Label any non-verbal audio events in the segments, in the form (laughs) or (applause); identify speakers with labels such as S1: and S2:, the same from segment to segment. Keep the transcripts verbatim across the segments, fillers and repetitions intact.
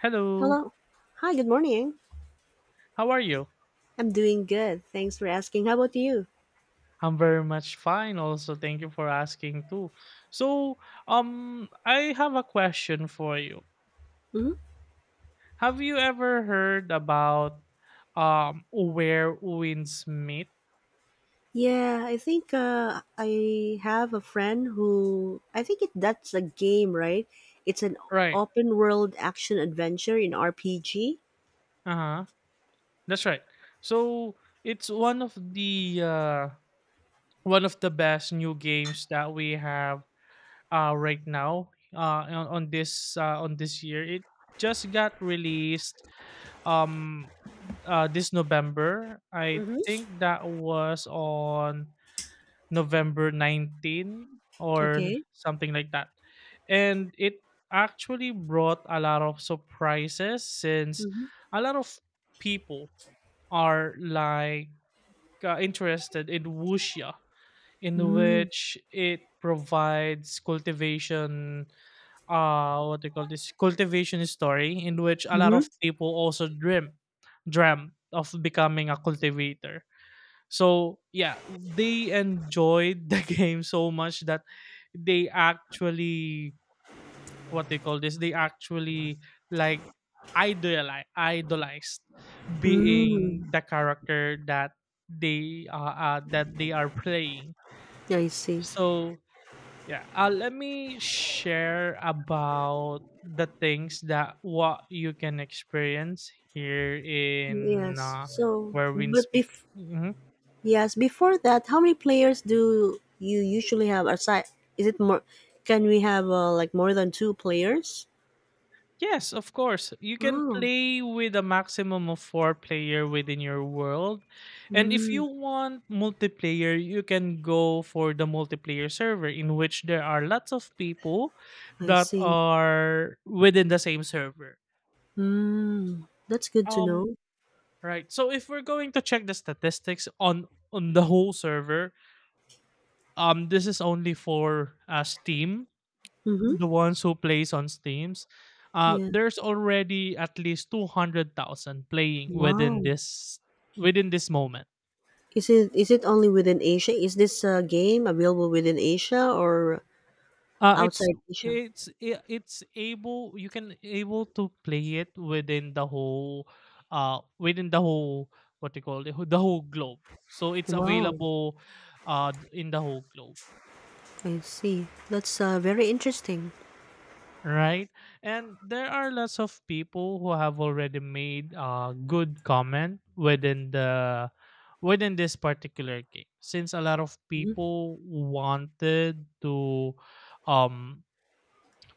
S1: Hello,
S2: Hello. Hi, good morning.
S1: how are you?
S2: I'm doing good. Thanks for asking. How about you?
S1: I'm very much fine also. Thank you for asking too. So, um I have a question for you.
S2: Hmm.
S1: Have you ever heard about um Where Winds Meet?
S2: Yeah, I think uh, I have a friend who I think it that's a game, right? It's an
S1: Right.
S2: open world action adventure in R P G.
S1: Uh-huh. That's right. So, it's one of the uh one of the best new games that we have uh right now, uh on, on this uh on this year. It just got released um uh this November. I
S2: Mm-hmm.
S1: think that was on November nineteenth or
S2: Okay.
S1: something like that. And it actually brought a lot of surprises, since
S2: Mm-hmm.
S1: a lot of people are like, uh, interested in wuxia, in
S2: Mm-hmm.
S1: which it provides cultivation, uh what they call this, cultivation story, in which a lot of people also dream dreamt of becoming a cultivator. So yeah, they enjoyed the (laughs) game so much that they actually, what they call this they actually like idolize idolized
S2: Mm.
S1: being the character that they uh, uh that they are playing.
S2: I see.
S1: So yeah, uh, let me share about the things that what you can experience here in,
S2: Yes.
S1: uh,
S2: So,
S1: Where Winds
S2: but
S1: Meet.
S2: bef-
S1: Mhm.
S2: yes, before that, how many players do you usually have aside? Is it more? Can we have uh, like more than two players?
S1: Yes, of course. You can
S2: Wow.
S1: play with a maximum of four player within your world, and if
S2: Mm,
S1: you want multiplayer, you can go for the multiplayer server, in which there are lots of people
S2: I
S1: that
S2: see.
S1: are within the same server.
S2: Mm, that's good to
S1: Um,
S2: know.
S1: Right. So if we're going to check the statistics on on the whole server, um, this is only for, uh, Steam,
S2: Mm-hmm.
S1: the ones who plays on Steams. Uh,
S2: Yeah.
S1: there's already at least two hundred thousand playing within
S2: Wow.
S1: this within this moment.
S2: Is it is it only within Asia? Is this uh, game available within Asia or
S1: Uh, it's
S2: outside Asia?
S1: it's i- it's able, you can able to play it within the whole uh within the whole, what do you call it, the whole globe. So it's
S2: Wow.
S1: available uh d- in the whole globe,
S2: I see. That's uh, very interesting.
S1: right? And there are lots of people who have already made a good comment within the within this particular game. Since a lot of
S2: Hmm.
S1: people wanted to um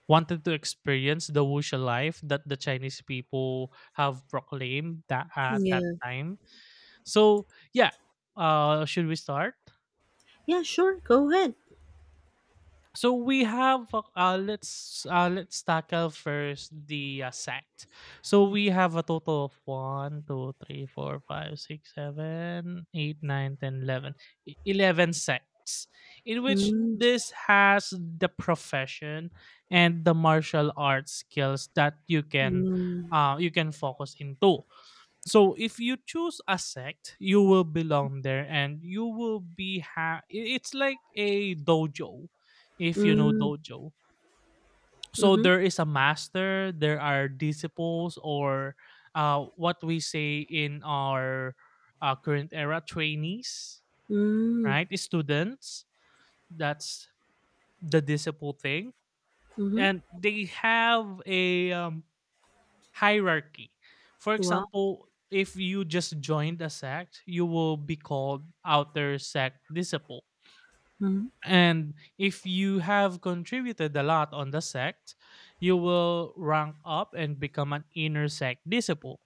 S1: wanted to experience the wuxia life that the Chinese people have proclaimed that at that
S2: Yeah.
S1: time. So yeah, uh should we start?
S2: Yeah. Sure. Go ahead.
S1: So we have, uh, uh, let's uh, let's tackle first the, uh, sect. So we have a total of one, two, three, four, five, six, seven, eight, nine, ten, eleven. E- eleven sects, in which
S2: Mm,
S1: this has the profession and the martial arts skills that you can
S2: mm,
S1: uh, you can focus into. So if you choose a sect, you will belong there, and you will be ha- I- it's like a dojo, if you know
S2: mm,
S1: dojo. So
S2: mm-hmm,
S1: there is a master, there are disciples, or uh, what we say in our, uh, current era, trainees,
S2: mm,
S1: right, students. That's the disciple thing.
S2: mm-hmm.
S1: And they have a, um, hierarchy. For
S2: Wow.
S1: example, if you just joined a sect, you will be called outer sect disciple.
S2: Mm,
S1: And if you have contributed a lot on the sect, you will rank up and become an inner sect disciple.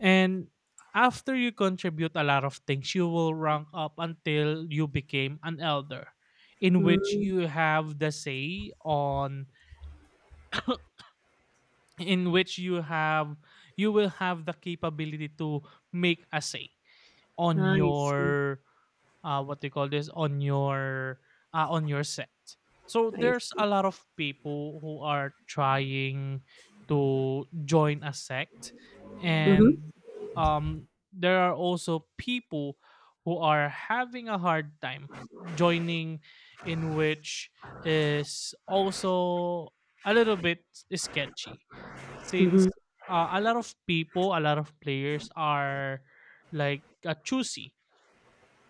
S1: And after you contribute a lot of things, you will rank up until you became an elder, in which
S2: mm.
S1: you have the say on (coughs) in which you have you will have the capability to make a say on
S2: I see.
S1: your, uh, what they call this on your uh, on your sect. So
S2: I
S1: there's
S2: see.
S1: a lot of people who are trying to join a sect,
S2: Mm-hmm.
S1: and um, there are also people who are having a hard time joining, in which is also a little bit sketchy,
S2: Mm-hmm.
S1: since uh, a lot of people, a lot of players are like, uh, choosy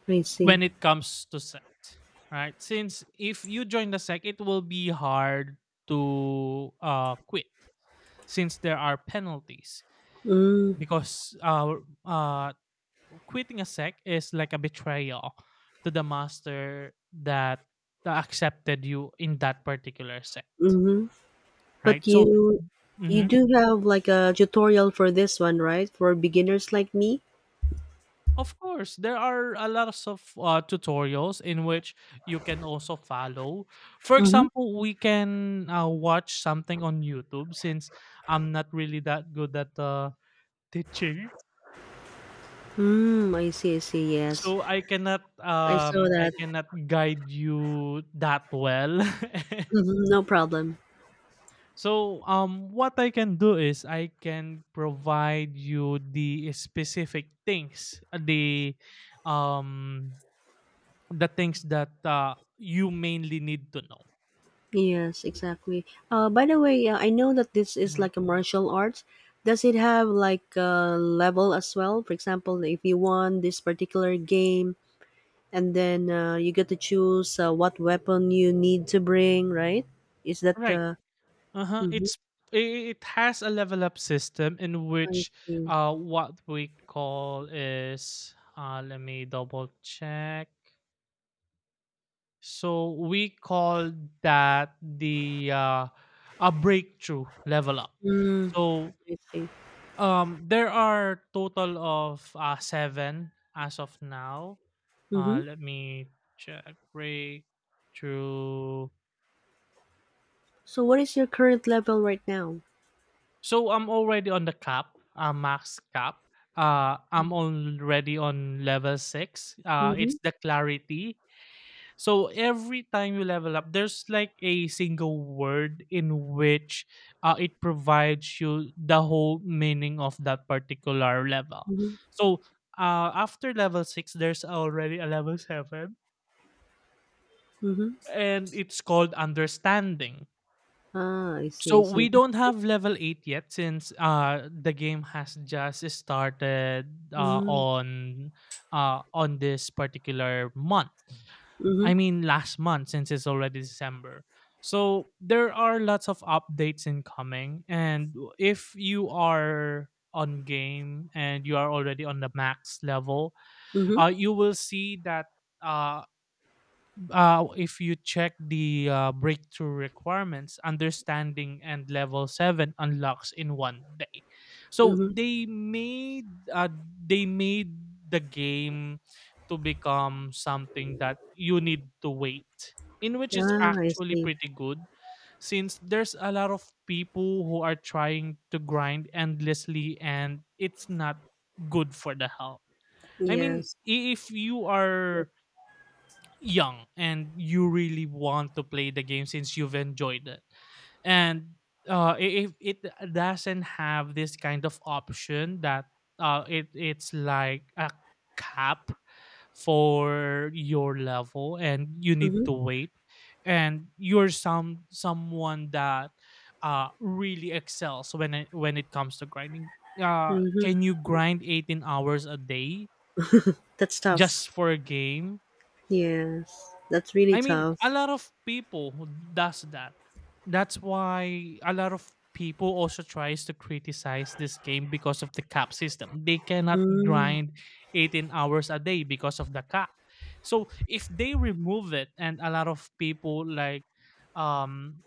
S2: I see.
S1: when it comes to sect. Right, since if you join the sect it will be hard to, uh, quit, since there are penalties,
S2: Mm,
S1: because uh, uh, quitting a sect is like a betrayal to the master that accepted you in that particular sect,
S2: mm-hmm. But
S1: right? So,
S2: you you
S1: mhm.
S2: do have like a tutorial for this one, right? For beginners like me?
S1: Of course, there are a lots of, uh, tutorials in which you can also follow. For
S2: Hmm.
S1: example, we can, uh, watch something on YouTube, since I'm not really that good at, uh, teaching. (laughs)
S2: Hmm, I see, I see, yes.
S1: So I cannot
S2: I saw
S1: um I
S2: that.
S1: cannot guide you that well. (laughs)
S2: Mhm, no problem.
S1: So, um what I can do is I can provide you the specific things, uh, the um the things that, uh, you mainly need to know.
S2: Yes, exactly. Uh, by the way, uh, I know that this is
S1: Hmm.
S2: like a martial arts. Does it have like a level as well? For example, if you won this particular game and then uh, you get to choose uh, what weapon you need to bring, right? Is that
S1: Right.
S2: the.
S1: Uh-huh.
S2: Hmm.
S1: It's i- it has a level up system, in
S2: I
S1: which
S2: see.
S1: uh what we call is, uh let me double check. So we call that the uh a breakthrough level up.
S2: Mm,
S1: So,
S2: I see.
S1: um there are total of, uh seven as of now. Uh
S2: Mhm.
S1: let me check breakthrough.
S2: So what is your current level right now?
S1: So I'm already on the cap, uh, max cap. Uh, I'm
S2: Mm.
S1: already on level six. Uh, it's
S2: Mhm,
S1: the clarity. So every time you level up, there's like a single word in which, uh, it provides you the whole meaning of that particular level.
S2: mhm,
S1: So, uh, after level six, there's already a level seven,
S2: mhm.
S1: and it's called understanding.
S2: Ah, I see,
S1: So
S2: I see.
S1: we don't have level eight yet, since uh the game has just started uh
S2: Mm,
S1: on uh on this particular month.
S2: mhm,
S1: I mean, last month, since it's already December. So there are lots of updates incoming, and if you are on game and you are already on the max level,
S2: mhm,
S1: uh you will see that, uh uh, if you check the, uh, breakthrough requirements, understanding and level seven unlocks in one day. So
S2: mhm.
S1: they made uh, they made the game to become something that you need to wait, in which is
S2: Ah, I
S1: actually
S2: see.
S1: pretty good, since there's a lot of people who are trying to grind endlessly and it's not good for the health. I mean,
S2: Yes.
S1: i- if you are young and you really want to play the game since you've enjoyed it. And uh, i- if it doesn't have this kind of option, that uh, it it's like a cap for your level and you need
S2: Mhm,
S1: to wait, and you're some someone that uh really excels when it, when it comes to grinding, uh
S2: mhm.
S1: can you grind eighteen hours a day
S2: That's tough.
S1: just for a game?
S2: Yes, that's really
S1: I mean, a
S2: tough.
S1: lot of people who does that. That's why a lot of people also tries to criticize this game because of the cap system. They cannot
S2: Mm,
S1: grind eighteen hours a day because of the cap. So if they remove it, and a lot of people like, um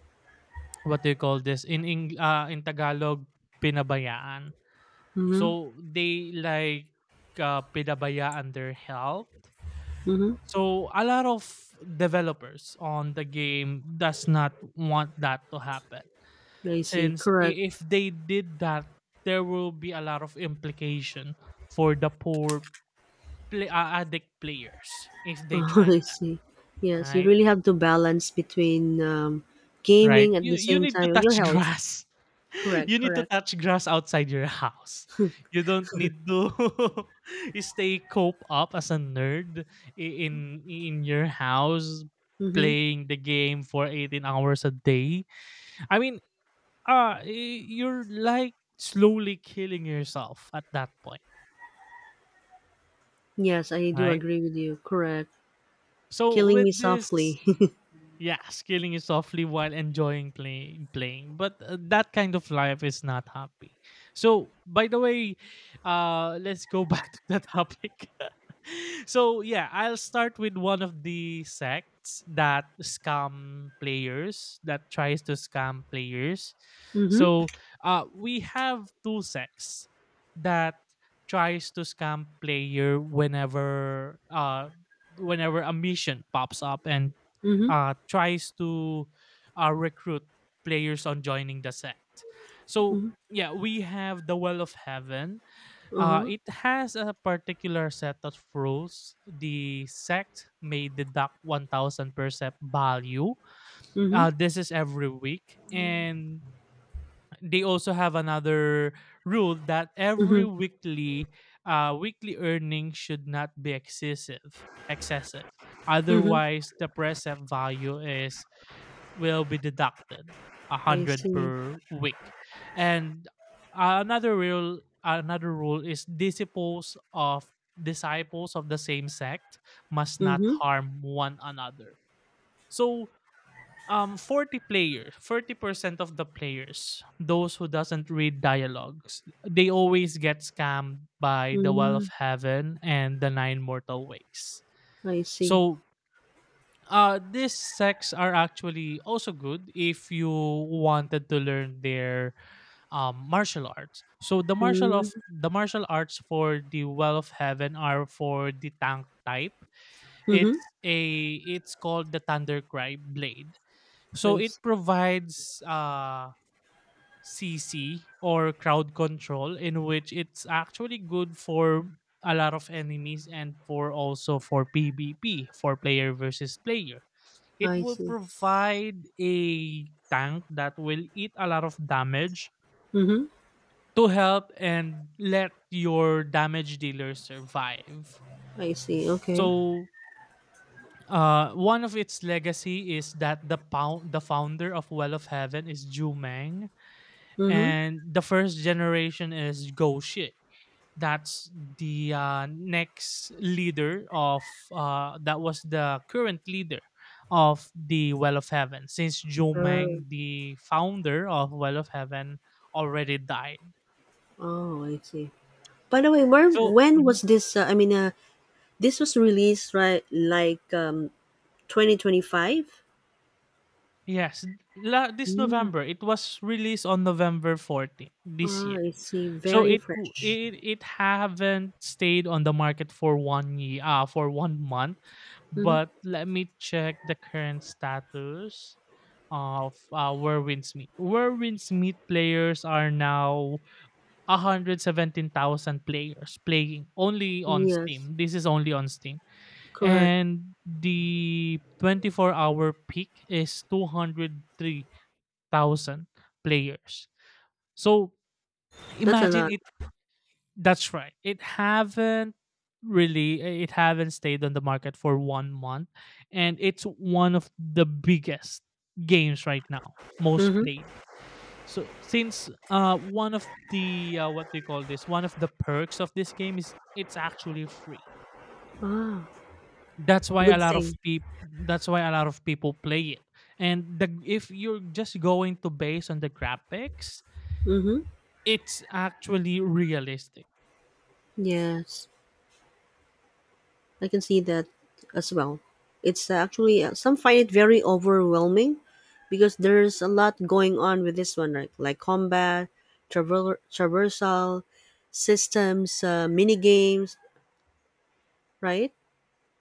S1: what do you call this in, Eng- uh, in Tagalog, pinabayaan.
S2: mhm,
S1: So they like, uh, pinabayaan their health.
S2: mhm.
S1: So a lot of developers on the game does not want that to happen,
S2: I see.
S1: since
S2: Correct.
S1: i- if they did that there will be a lot of implication for the poor, play, uh, addict players if
S2: (laughs)
S1: they tried
S2: I
S1: that,
S2: see. Yes, you
S1: right?
S2: really have to balance between um,
S1: Right?
S2: gaming at
S1: You
S2: the
S1: you
S2: same
S1: need to
S2: time your
S1: touch
S2: health.
S1: grass. (laughs)
S2: Correct.
S1: You need to
S2: Correct.
S1: touch grass outside your house. You don't need to (laughs) you stay cope up as a nerd, i- in in your house
S2: Mm-hmm.
S1: playing the game for eighteen hours a day. I mean, uh i- you're like slowly killing yourself at that point,
S2: Yes, I do
S1: right?
S2: agree with you. Correct.
S1: So
S2: Killing
S1: with
S2: me
S1: this.
S2: softly. (laughs)
S1: Yeah, scaling it softly while enjoying play, playing. But uh, that kind of life is not happy. So, by the way, uh, let's go back (laughs) to the topic. (laughs) So, yeah, I'll start with one of the sects that scam players, that tries to scam players.
S2: Mhm,
S1: So, uh, we have two sects that tries to scam player whenever uh whenever a mission pops up and,
S2: mhm,
S1: uh, tries to, uh, recruit players on joining the sect. So
S2: mhm,
S1: yeah, we have the Well of Heaven. Uh,
S2: uh-huh,
S1: it has a particular set of rules. The sect may deduct one thousand percent value.
S2: mhm,
S1: Uh, this is every week, and they also have another rule, that every
S2: mhm,
S1: weekly uh, weekly earnings should not be excessive. Excessive.
S2: mhm,
S1: Otherwise, the present value is will be deducted a
S2: I
S1: hundred
S2: see.
S1: per week. And another rule, another rule is disciples of disciples of the same sect must not
S2: Mhm,
S1: harm one another. So, um forty players forty percent of the players, those who doesn't read dialogues, they always get scammed by the Well of
S2: mm,
S1: Heaven and the Nine Mortal Ways.
S2: I see.
S1: So, uh, these sects are actually also good if you wanted to learn their, um, martial arts. So the martial
S2: Mm,
S1: of the martial arts for the Well of Heaven are for the tank type.
S2: mhm,
S1: It's a it's called the Thundercry blade.
S2: I
S1: So it
S2: s
S1: provides uh C C, or crowd control, in which it's actually good for a lot of enemies, and for also for P V P, for player versus player, it
S2: I
S1: will
S2: see.
S1: provide a tank that will eat a lot of damage
S2: Mhm,
S1: to help and let your damage dealer survive.
S2: I see, okay.
S1: So, uh, one of its legacy is that the pound, the founder of Well of Heaven is Zhu Meng,
S2: Mhm,
S1: and the first generation is Go Shi. that's the uh, next leader of uh, that was the current leader of the Well of Heaven, since Zhou
S2: ah,
S1: Meng, the founder of Well of Heaven, already died.
S2: oh, I see. By the way, where
S1: So,
S2: when
S1: mhm.
S2: was this, uh, I mean, uh, this was released, right, like, um, twenty twenty-five?
S1: Yes, la- this
S2: Mm,
S1: November it was released on November fourteenth this
S2: ah,
S1: year.
S2: I see,
S1: So
S2: very
S1: it w-
S2: fresh.
S1: it it haven't stayed on the market for one year, uh, for one month,
S2: Mhm,
S1: but let me check the current status of uh, Werwin Smith. Werwin Smith players are now one hundred seventeen thousand players playing only on
S2: yes,
S1: Steam. This is only on Steam.
S2: correct.
S1: And the twenty-four hour peak is two hundred three thousand players. So
S2: That's a
S1: imagine
S2: lot.
S1: it. That's right. It haven't really it haven't stayed on the market for one month, and it's one of the biggest games right now, most
S2: Mhm,
S1: played. So since uh one of the uh, what do you call this one of the perks of this game is it's actually free.
S2: ah,
S1: that's why a
S2: good
S1: lot of
S2: thing.
S1: people that's why a lot of people play it. And the if you're just going to base on the graphics,
S2: Mhm,
S1: it's actually realistic.
S2: yes. I can see that as well. It's uh, actually uh, some find it very overwhelming because there's a lot going on with this one, right? Like combat, travel, traversal systems, uh, mini games, right?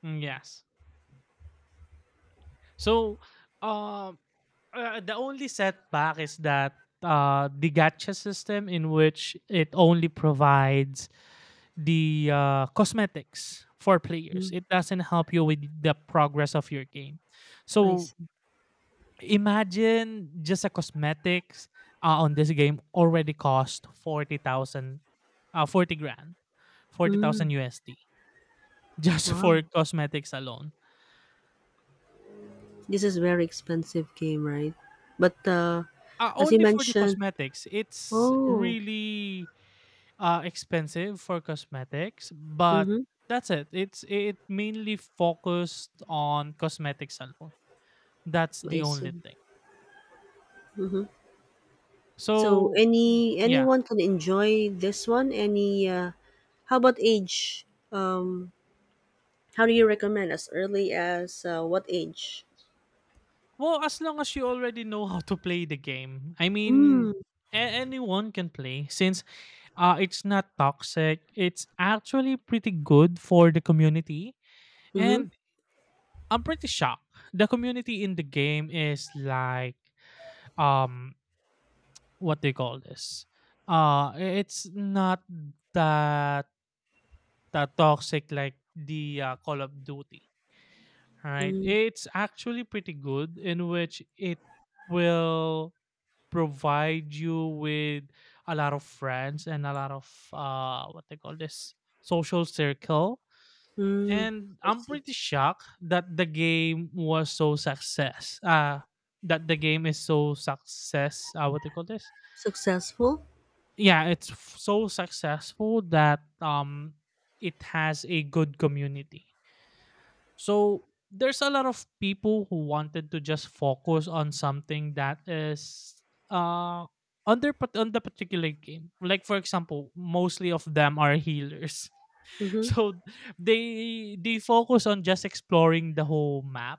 S1: Mm, yes. So, um, uh, the only setback is that uh, the gacha system, in which it only provides the uh, cosmetics for players,
S2: Mm,
S1: it doesn't help you with the progress of your game.
S2: I
S1: So,
S2: see.
S1: imagine, just a cosmetics uh, on this game already cost forty thousand, uh forty grand,
S2: Mm,
S1: forty thousand U S D just (laughs)
S2: wow,
S1: for cosmetics alone.
S2: this is very expensive game, right? But uh,
S1: Uh,
S2: as you
S1: only for the
S2: mentioned,
S1: cosmetics. It's
S2: oh,
S1: really uh expensive for cosmetics, but
S2: mm-hmm,
S1: that's it. It's it mainly focused on cosmetics alone. That's
S2: I
S1: the only
S2: see.
S1: thing.
S2: Mm-hmm. So
S1: So y-
S2: any
S1: yeah.
S2: anyone can enjoy this one. Any uh, how about age? Um, how do you recommend as early as uh, what age?
S1: Well, as long as you already know how to play the game. I mean,
S2: Mm.
S1: a- anyone can play since uh, it's not toxic. It's actually pretty good for the community.
S2: Mm-hmm.
S1: And I'm pretty shocked. The community in the game is like, um, what do you call this? Uh, i- it's not that, that toxic like the uh, Call of Duty. All right?
S2: Mm.
S1: It's actually pretty good, in which it will provide you with a lot of friends and a lot of uh what they call this social circle.
S2: Mm.
S1: And
S2: I
S1: I'm
S2: see.
S1: pretty shocked that the game was so success uh that the game is so success, uh what they call this
S2: Successful.
S1: yeah, it's f- so successful that um it has a good community. So there's a lot of people who wanted to just focus on something that is uh on their pat- on the particular game. Like for example, mostly of them are healers. (laughs)
S2: Mm-hmm.
S1: So they they focus on just exploring the whole map,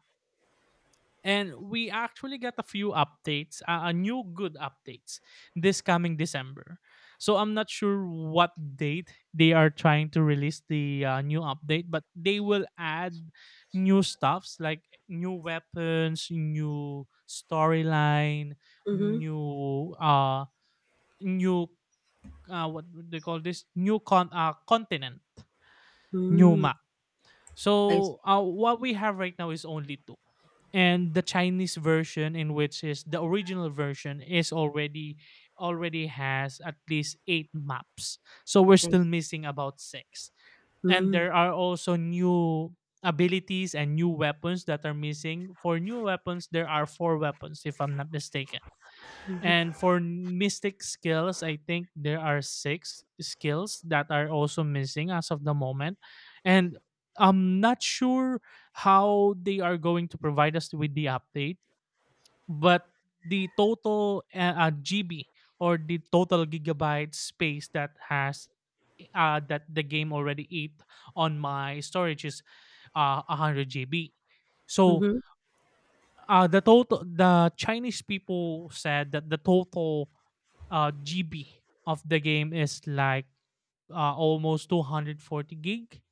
S1: and we actually got a few updates, uh, a new good updates this coming December. So I'm not sure what date they are trying to release the uh, new update, but they will add new stuffs like new weapons, new storyline,
S2: Mm-hmm.
S1: new uh new uh what would they call this new con uh continent, new
S2: Mm.
S1: map.
S2: I see.
S1: So uh, what we have right now is only two, and the Chinese version, in which is the original version, is already already has at least eight maps. So we're
S2: I see.
S1: still missing about six, and
S2: Mm.
S1: there are also new abilities and new weapons that are missing. For new weapons, there are four weapons, if I'm not mistaken.
S2: Mm-hmm.
S1: And for mystic skills, I think there are six skills that are also missing as of the moment. And I'm not sure how they are going to provide us with the update, but the total uh, uh, G B, or the total gigabyte space that has uh, that the game already ate on my storage, is uh, one hundred G B. So
S2: Mm-hmm.
S1: uh, the total the Chinese people said that the total uh, G B of the game is like uh, almost two hundred forty gig.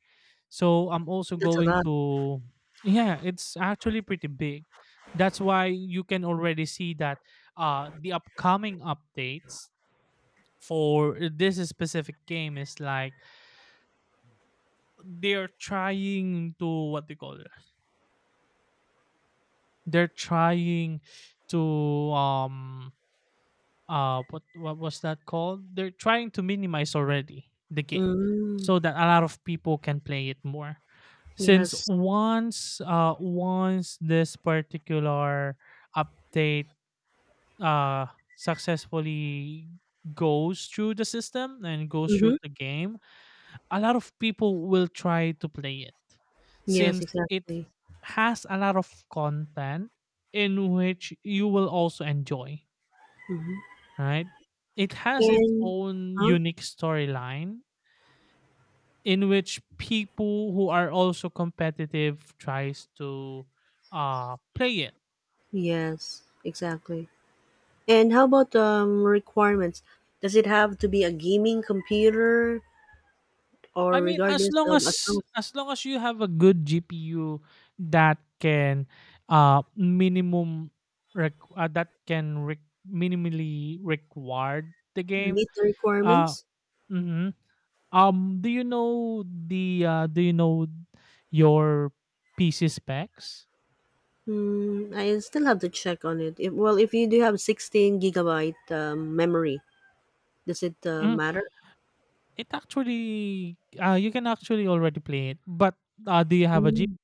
S1: So I'm also
S2: That's a
S1: going
S2: lot.
S1: to, yeah, it's actually pretty big. That's why you can already see that uh, the upcoming updates for this specific game is like they're trying to, what they call it, they're trying to um uh what what was that called? They're trying to minimize already the game
S2: Mm.
S1: so that a lot of people can play it more. Since
S2: Yes.
S1: once uh once this particular update uh successfully goes through the system and goes
S2: Mm-hmm.
S1: through the game, a lot of people will try to play it,
S2: Yes.
S1: since it
S2: Exactly.
S1: has a lot of content in which you will also enjoy,
S2: Mm-hmm.
S1: right? It has its
S2: And
S1: own
S2: huh?
S1: unique storyline in which people who are also competitive tries to uh play it.
S2: Yes. Exactly. And how about um, requirements? Does it have to be a gaming computer
S1: I
S2: or
S1: mean, as
S2: regardless
S1: long
S2: of as
S1: as
S2: long as
S1: as long as you have a good G P U that can uh minimum requ- uh, that can re- minimally require the game.
S2: meet the
S1: Uh,
S2: requirements?
S1: mhm. Um, do you know the uh, do you know your P C specs?
S2: Hmm, I still have to check on it. If, well, if you do have sixteen gigabyte um, memory, does it uh,
S1: Mm-hmm.
S2: matter?
S1: It actually, uh, you can actually already play it. But uh, do you have a G?
S2: Hmm,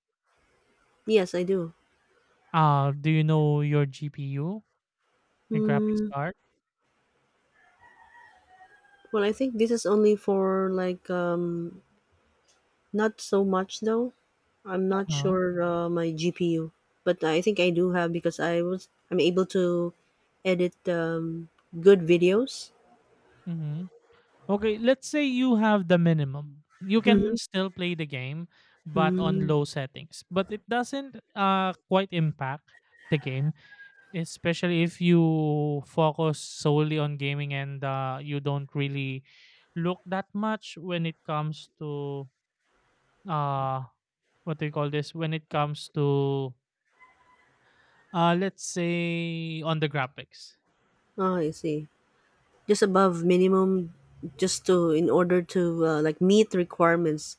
S2: yes, I do.
S1: Uh, do you know your G P U, your graphics
S2: Hmm,
S1: card?
S2: well, I think this is only for like um, not so much though. I'm not
S1: Uh-huh.
S2: sure uh, my G P U, but I think I do have because I was I'm able to edit um, good videos.
S1: Mm-hmm. Okay, let's say you have the minimum. You can
S2: Mm-hmm.
S1: still play the game, but on
S2: Mm.
S1: low settings. But it doesn't uh, quite impact the game, especially if you focus solely on gaming and uh, you don't really look that much when it comes to, uh what do you call this when it comes to, uh let's say, on the graphics.
S2: Oh, I see. Just above minimum, just to in order to uh, like meet requirements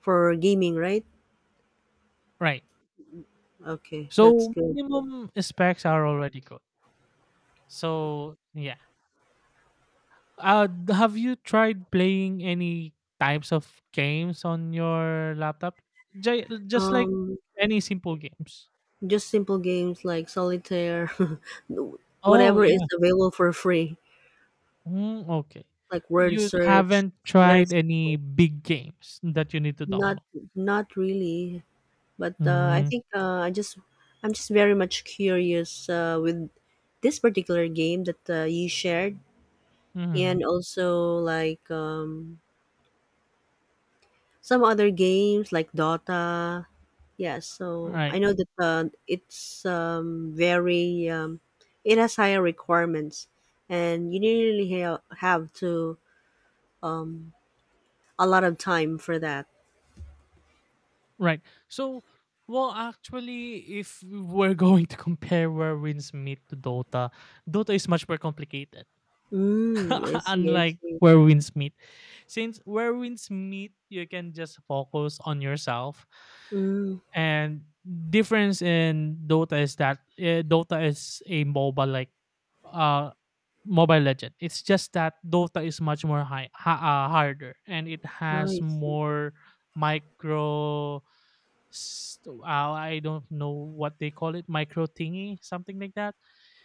S2: for gaming, right?
S1: Right?
S2: Okay, that's
S1: So
S2: good.
S1: minimum specs are already good. So yeah, uh d- have you tried playing any types of games on your laptop? J- just like
S2: Um,
S1: any simple games.
S2: just simple games like solitaire, (laughs)
S1: Oh
S2: whatever is
S1: yeah.
S2: available for free,
S1: Mm, okay.
S2: like word
S1: You
S2: search.
S1: haven't
S2: Very
S1: tried
S2: s-
S1: any big games that you need to
S2: not
S1: download?
S2: not really. But uh, I
S1: Mm.
S2: think uh, I just I'm just very much curious uh, with this particular game that uh, you shared,
S1: Mm-hmm.
S2: and also like um, some other games like Dota. Yeah,
S1: All
S2: so I
S1: right.
S2: know that uh, it's um, very um, it has higher requirements, and you really ha- have to a lot of time for that.
S1: Right. So, well, actually, if we're (laughs) going to compare Where Winds Meet to Dota, Dota is much more complicated.
S2: Mm, I
S1: (laughs)
S2: see, I
S1: Unlike
S2: see.
S1: Where Winds Meet. Since Where Winds Meet, you can just focus on yourself.
S2: Mm,
S1: And difference in Dota is that uh, Dota is a MOBA like uh Mobile Legend. It's just that Dota is much more high, ha- uh, harder, and it
S2: oh,
S1: has
S2: I see.
S1: more micro. st- Uh, I don't know what they call it, micro thingy, something like that.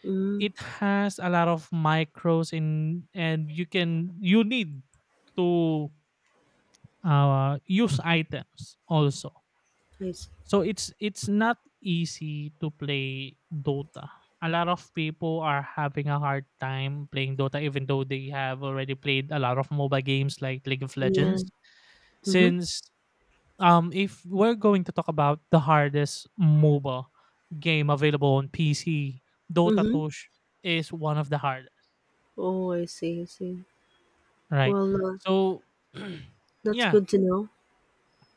S2: Mm,
S1: It has a lot of micros in, and you can you need to uh, use items also,
S2: I see.
S1: so it's it's not easy to play Dota. A lot of people are having a hard time playing Dota even though they have already played a lot of MOBA games like League of
S2: Yeah.
S1: Legends.
S2: Mm-hmm.
S1: Since um if we're going to talk about the hardest MOBA game available on P C, Dota
S2: Mm-hmm.
S1: two sh- is one of the hardest,
S2: Oh, I see, I see.
S1: right?
S2: Well, uh,
S1: So (clears throat)
S2: that's
S1: yeah,
S2: good to know.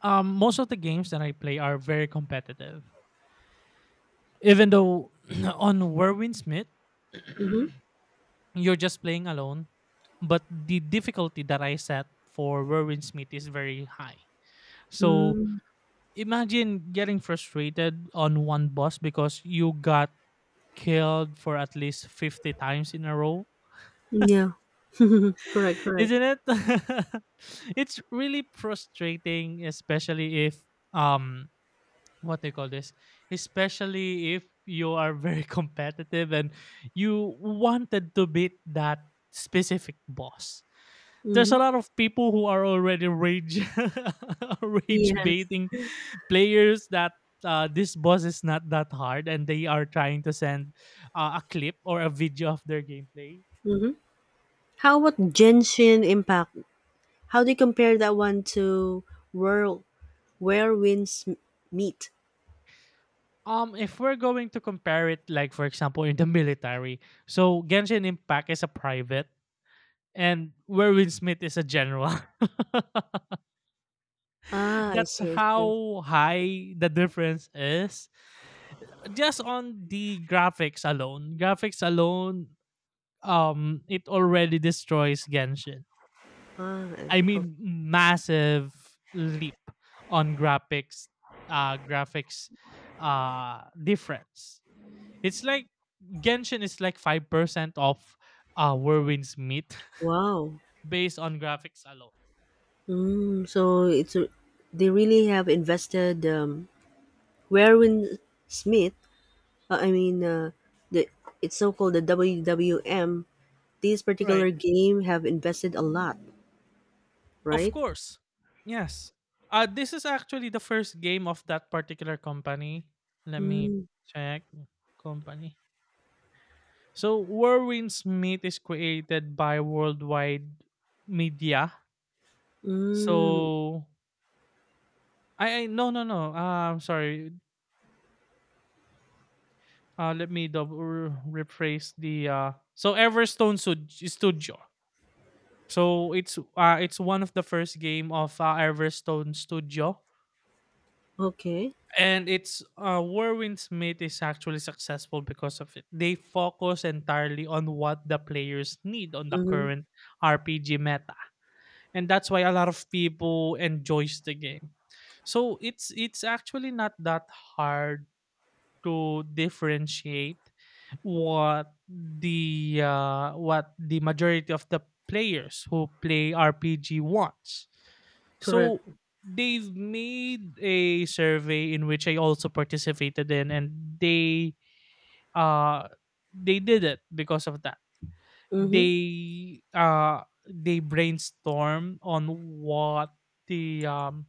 S1: um most of the games that I play are very competitive. Even though (clears throat) on Werwin Smith,
S2: Mm-hmm.
S1: (clears throat) you're just playing alone, but the difficulty that I set for Werwin Smith is very high. So
S2: Mm,
S1: imagine getting frustrated on one boss because you got killed for at least fifty times in a row.
S2: yeah. (laughs) Correct,
S1: (laughs)
S2: correct.
S1: Isn't it? (laughs) It's really frustrating, especially if, um what they call this, especially if you are very (laughs) competitive and you wanted to beat that specific boss. There's a
S2: Mm-hmm.
S1: lot of people who are already rage (laughs) rage
S2: Yes.
S1: baiting players that uh, this boss is not that hard and they are trying to send uh, a clip or a video of their gameplay.
S2: How about Genshin Impact? How do you compare that one to World Where Winds M- Meet?
S1: Um, if we're going to compare it, like for example, in the military, so Genshin Impact is a private, and where Will Smith is a general. (laughs)
S2: Ah, I
S1: That's
S2: see, I see.
S1: how high the difference is. Just on the graphics alone, graphics alone, um, it already destroys Genshin.
S2: Ah, I-
S1: I
S2: okay.
S1: mean, massive leap on graphics, uh, graphics, uh, difference. It's like Genshin is like five percent of uh Whirlwind's meat
S2: Wow.
S1: (laughs) based on graphics alone.
S2: Mm, so it's a, they really have invested um, Where Winds Smith. Uh, I mean, uh, the it's so called the W W M. These
S1: Right.
S2: particular game have invested a lot,
S1: Of
S2: right?
S1: course. Yes. Uh, this is actually the first game of that particular company. Let me
S2: Mm,
S1: check. Company. So, Warwin Smith is created by Worldwide Media.
S2: mm,
S1: So, I, I no, no, no. Uh, I'm sorry. Uh, let me double rephrase the. Uh, so, Everstone Stud- Studio. So, it's uh, it's one of the first game of uh, Everstone Studio,
S2: okay.
S1: and it's uh Warwin Smith is actually successful because of it. They focus entirely on what the players need on the
S2: Mm-hmm.
S1: current R P G meta. And that's why a lot of people enjoys the game. So it's it's actually not that hard to differentiate what the uh, what the majority of the players who play R P G wants,
S2: Correct.
S1: so they've made a survey in which I also participated in, and they uh they did it because of that.
S2: Mm-hmm.
S1: They uh they brainstorm on what the um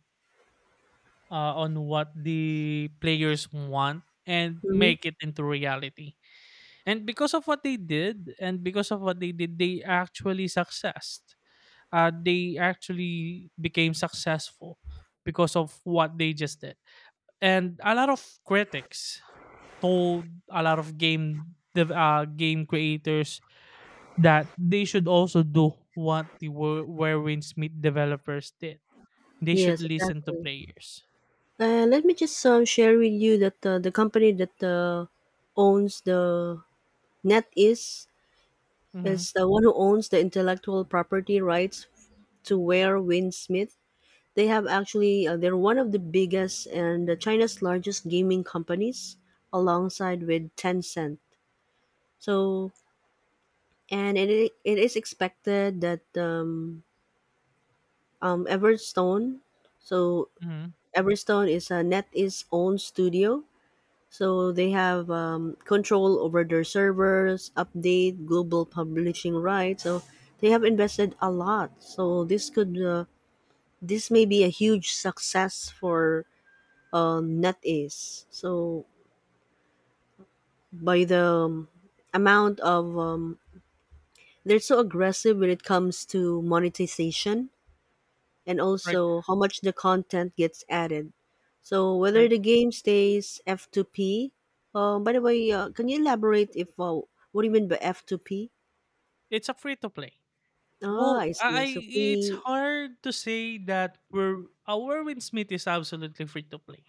S1: uh, on what the players want and
S2: Mm-hmm.
S1: make it into reality. And because of what they did, and because of what they did, they actually successed. Uh, they actually became successful because of what they just did, and a lot of critics told a lot of game dev- uh, game creators that they should also do what the Wer- Werewolf Smith developers did. They should
S2: Yes,
S1: listen to
S2: exactly.
S1: players.
S2: Uh, let me just um, share with you that uh, the company that uh, owns the net is
S1: Mm-hmm.
S2: is the one who owns the intellectual property rights to Ware Smith. They have actually uh, They're one of the biggest and China's largest gaming companies, alongside with Tencent. So and it i- it is expected that um, um, Everstone, so
S1: Mm-hmm.
S2: Everstone is a NetEase own studio, so they have um, control over their servers, update global publishing rights. So they have invested a lot. So this could uh, this may be a huge success for uh, NetEase. So by the um, amount of um, they're so aggressive when it comes to monetization and
S1: Right,
S2: also how much the content gets added. So whether
S1: right.
S2: the game stays F two P. Uh, by the way, uh, can you elaborate if uh, what do you mean by F two P?
S1: It's a free to play.
S2: Ah, I
S1: Well,
S2: see.
S1: I
S2: So
S1: it's
S2: free.
S1: hard to say that we're our Win Smith is absolutely free to play.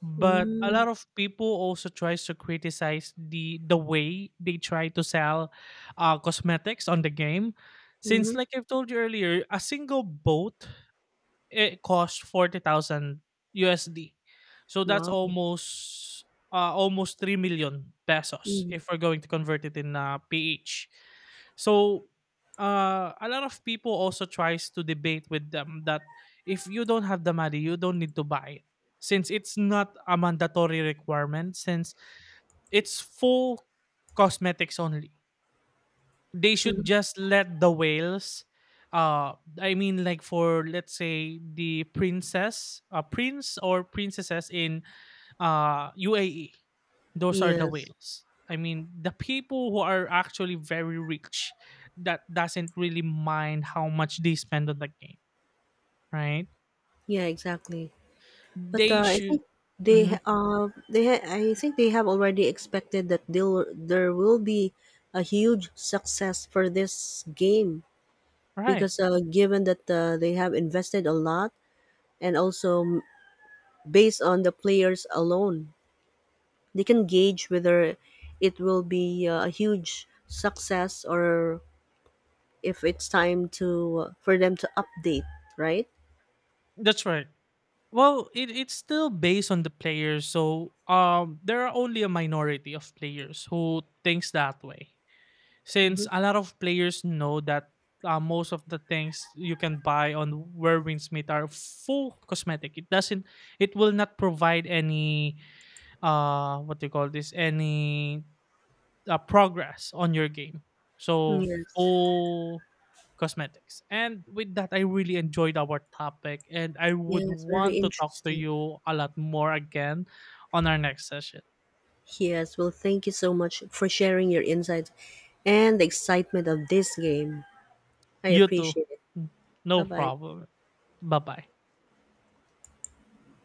S1: But a lot
S2: Mm,
S1: of people also tries to criticize the the way they try to sell uh, cosmetics on the game. Since,
S2: mm-hmm.
S1: like I've told you earlier, a single boat, it costs forty thousand U S D. So that's
S2: Wow.
S1: almost, uh, almost three million pesos
S2: Mm,
S1: if we're going to convert it in uh, P H. So uh, a lot of people also tries to debate with them that if you don't have the money, you don't need to buy it. Since it's not a mandatory requirement, since it's full cosmetics only. They
S2: hmm.
S1: should just let the whales, uh I mean, like, for let's say the princess, uh, prince or princesses in uh U A E. Those are the
S2: Yes.
S1: whales. I mean, the people who are actually very rich that doesn't really mind how much they spend on the game, right?
S2: Yeah. Exactly. But
S1: They
S2: uh, I
S1: should.
S2: think they
S1: Hmm,
S2: ha- uh they ha- I think they have already expected that they'll, there will be a huge success for this game
S1: right.
S2: because uh, given that uh, they have invested a lot and also based on the players alone they can gauge whether it will be uh, a huge success or if it's time to uh, for them to update, right.
S1: That's right. Well, it, it's still based on the players, so um there are only a minority of players who thinks that way,
S2: Mm-hmm.
S1: since a lot of players know that uh, most of the things you can buy on Where Winds Meet are full cosmetic. It doesn't it will not provide any uh what do you call this any uh, progress on your game. So
S2: Yes.
S1: full cosmetics. And with that, I really enjoyed our topic, and I would
S2: Yes, very
S1: want to talk to
S2: interesting.
S1: you a lot more again on our next session.
S2: Yes, well, thank you so much for sharing your insights and the excitement of this game. I
S1: You too.
S2: appreciate it. Bye
S1: No
S2: bye.
S1: problem. Bye bye.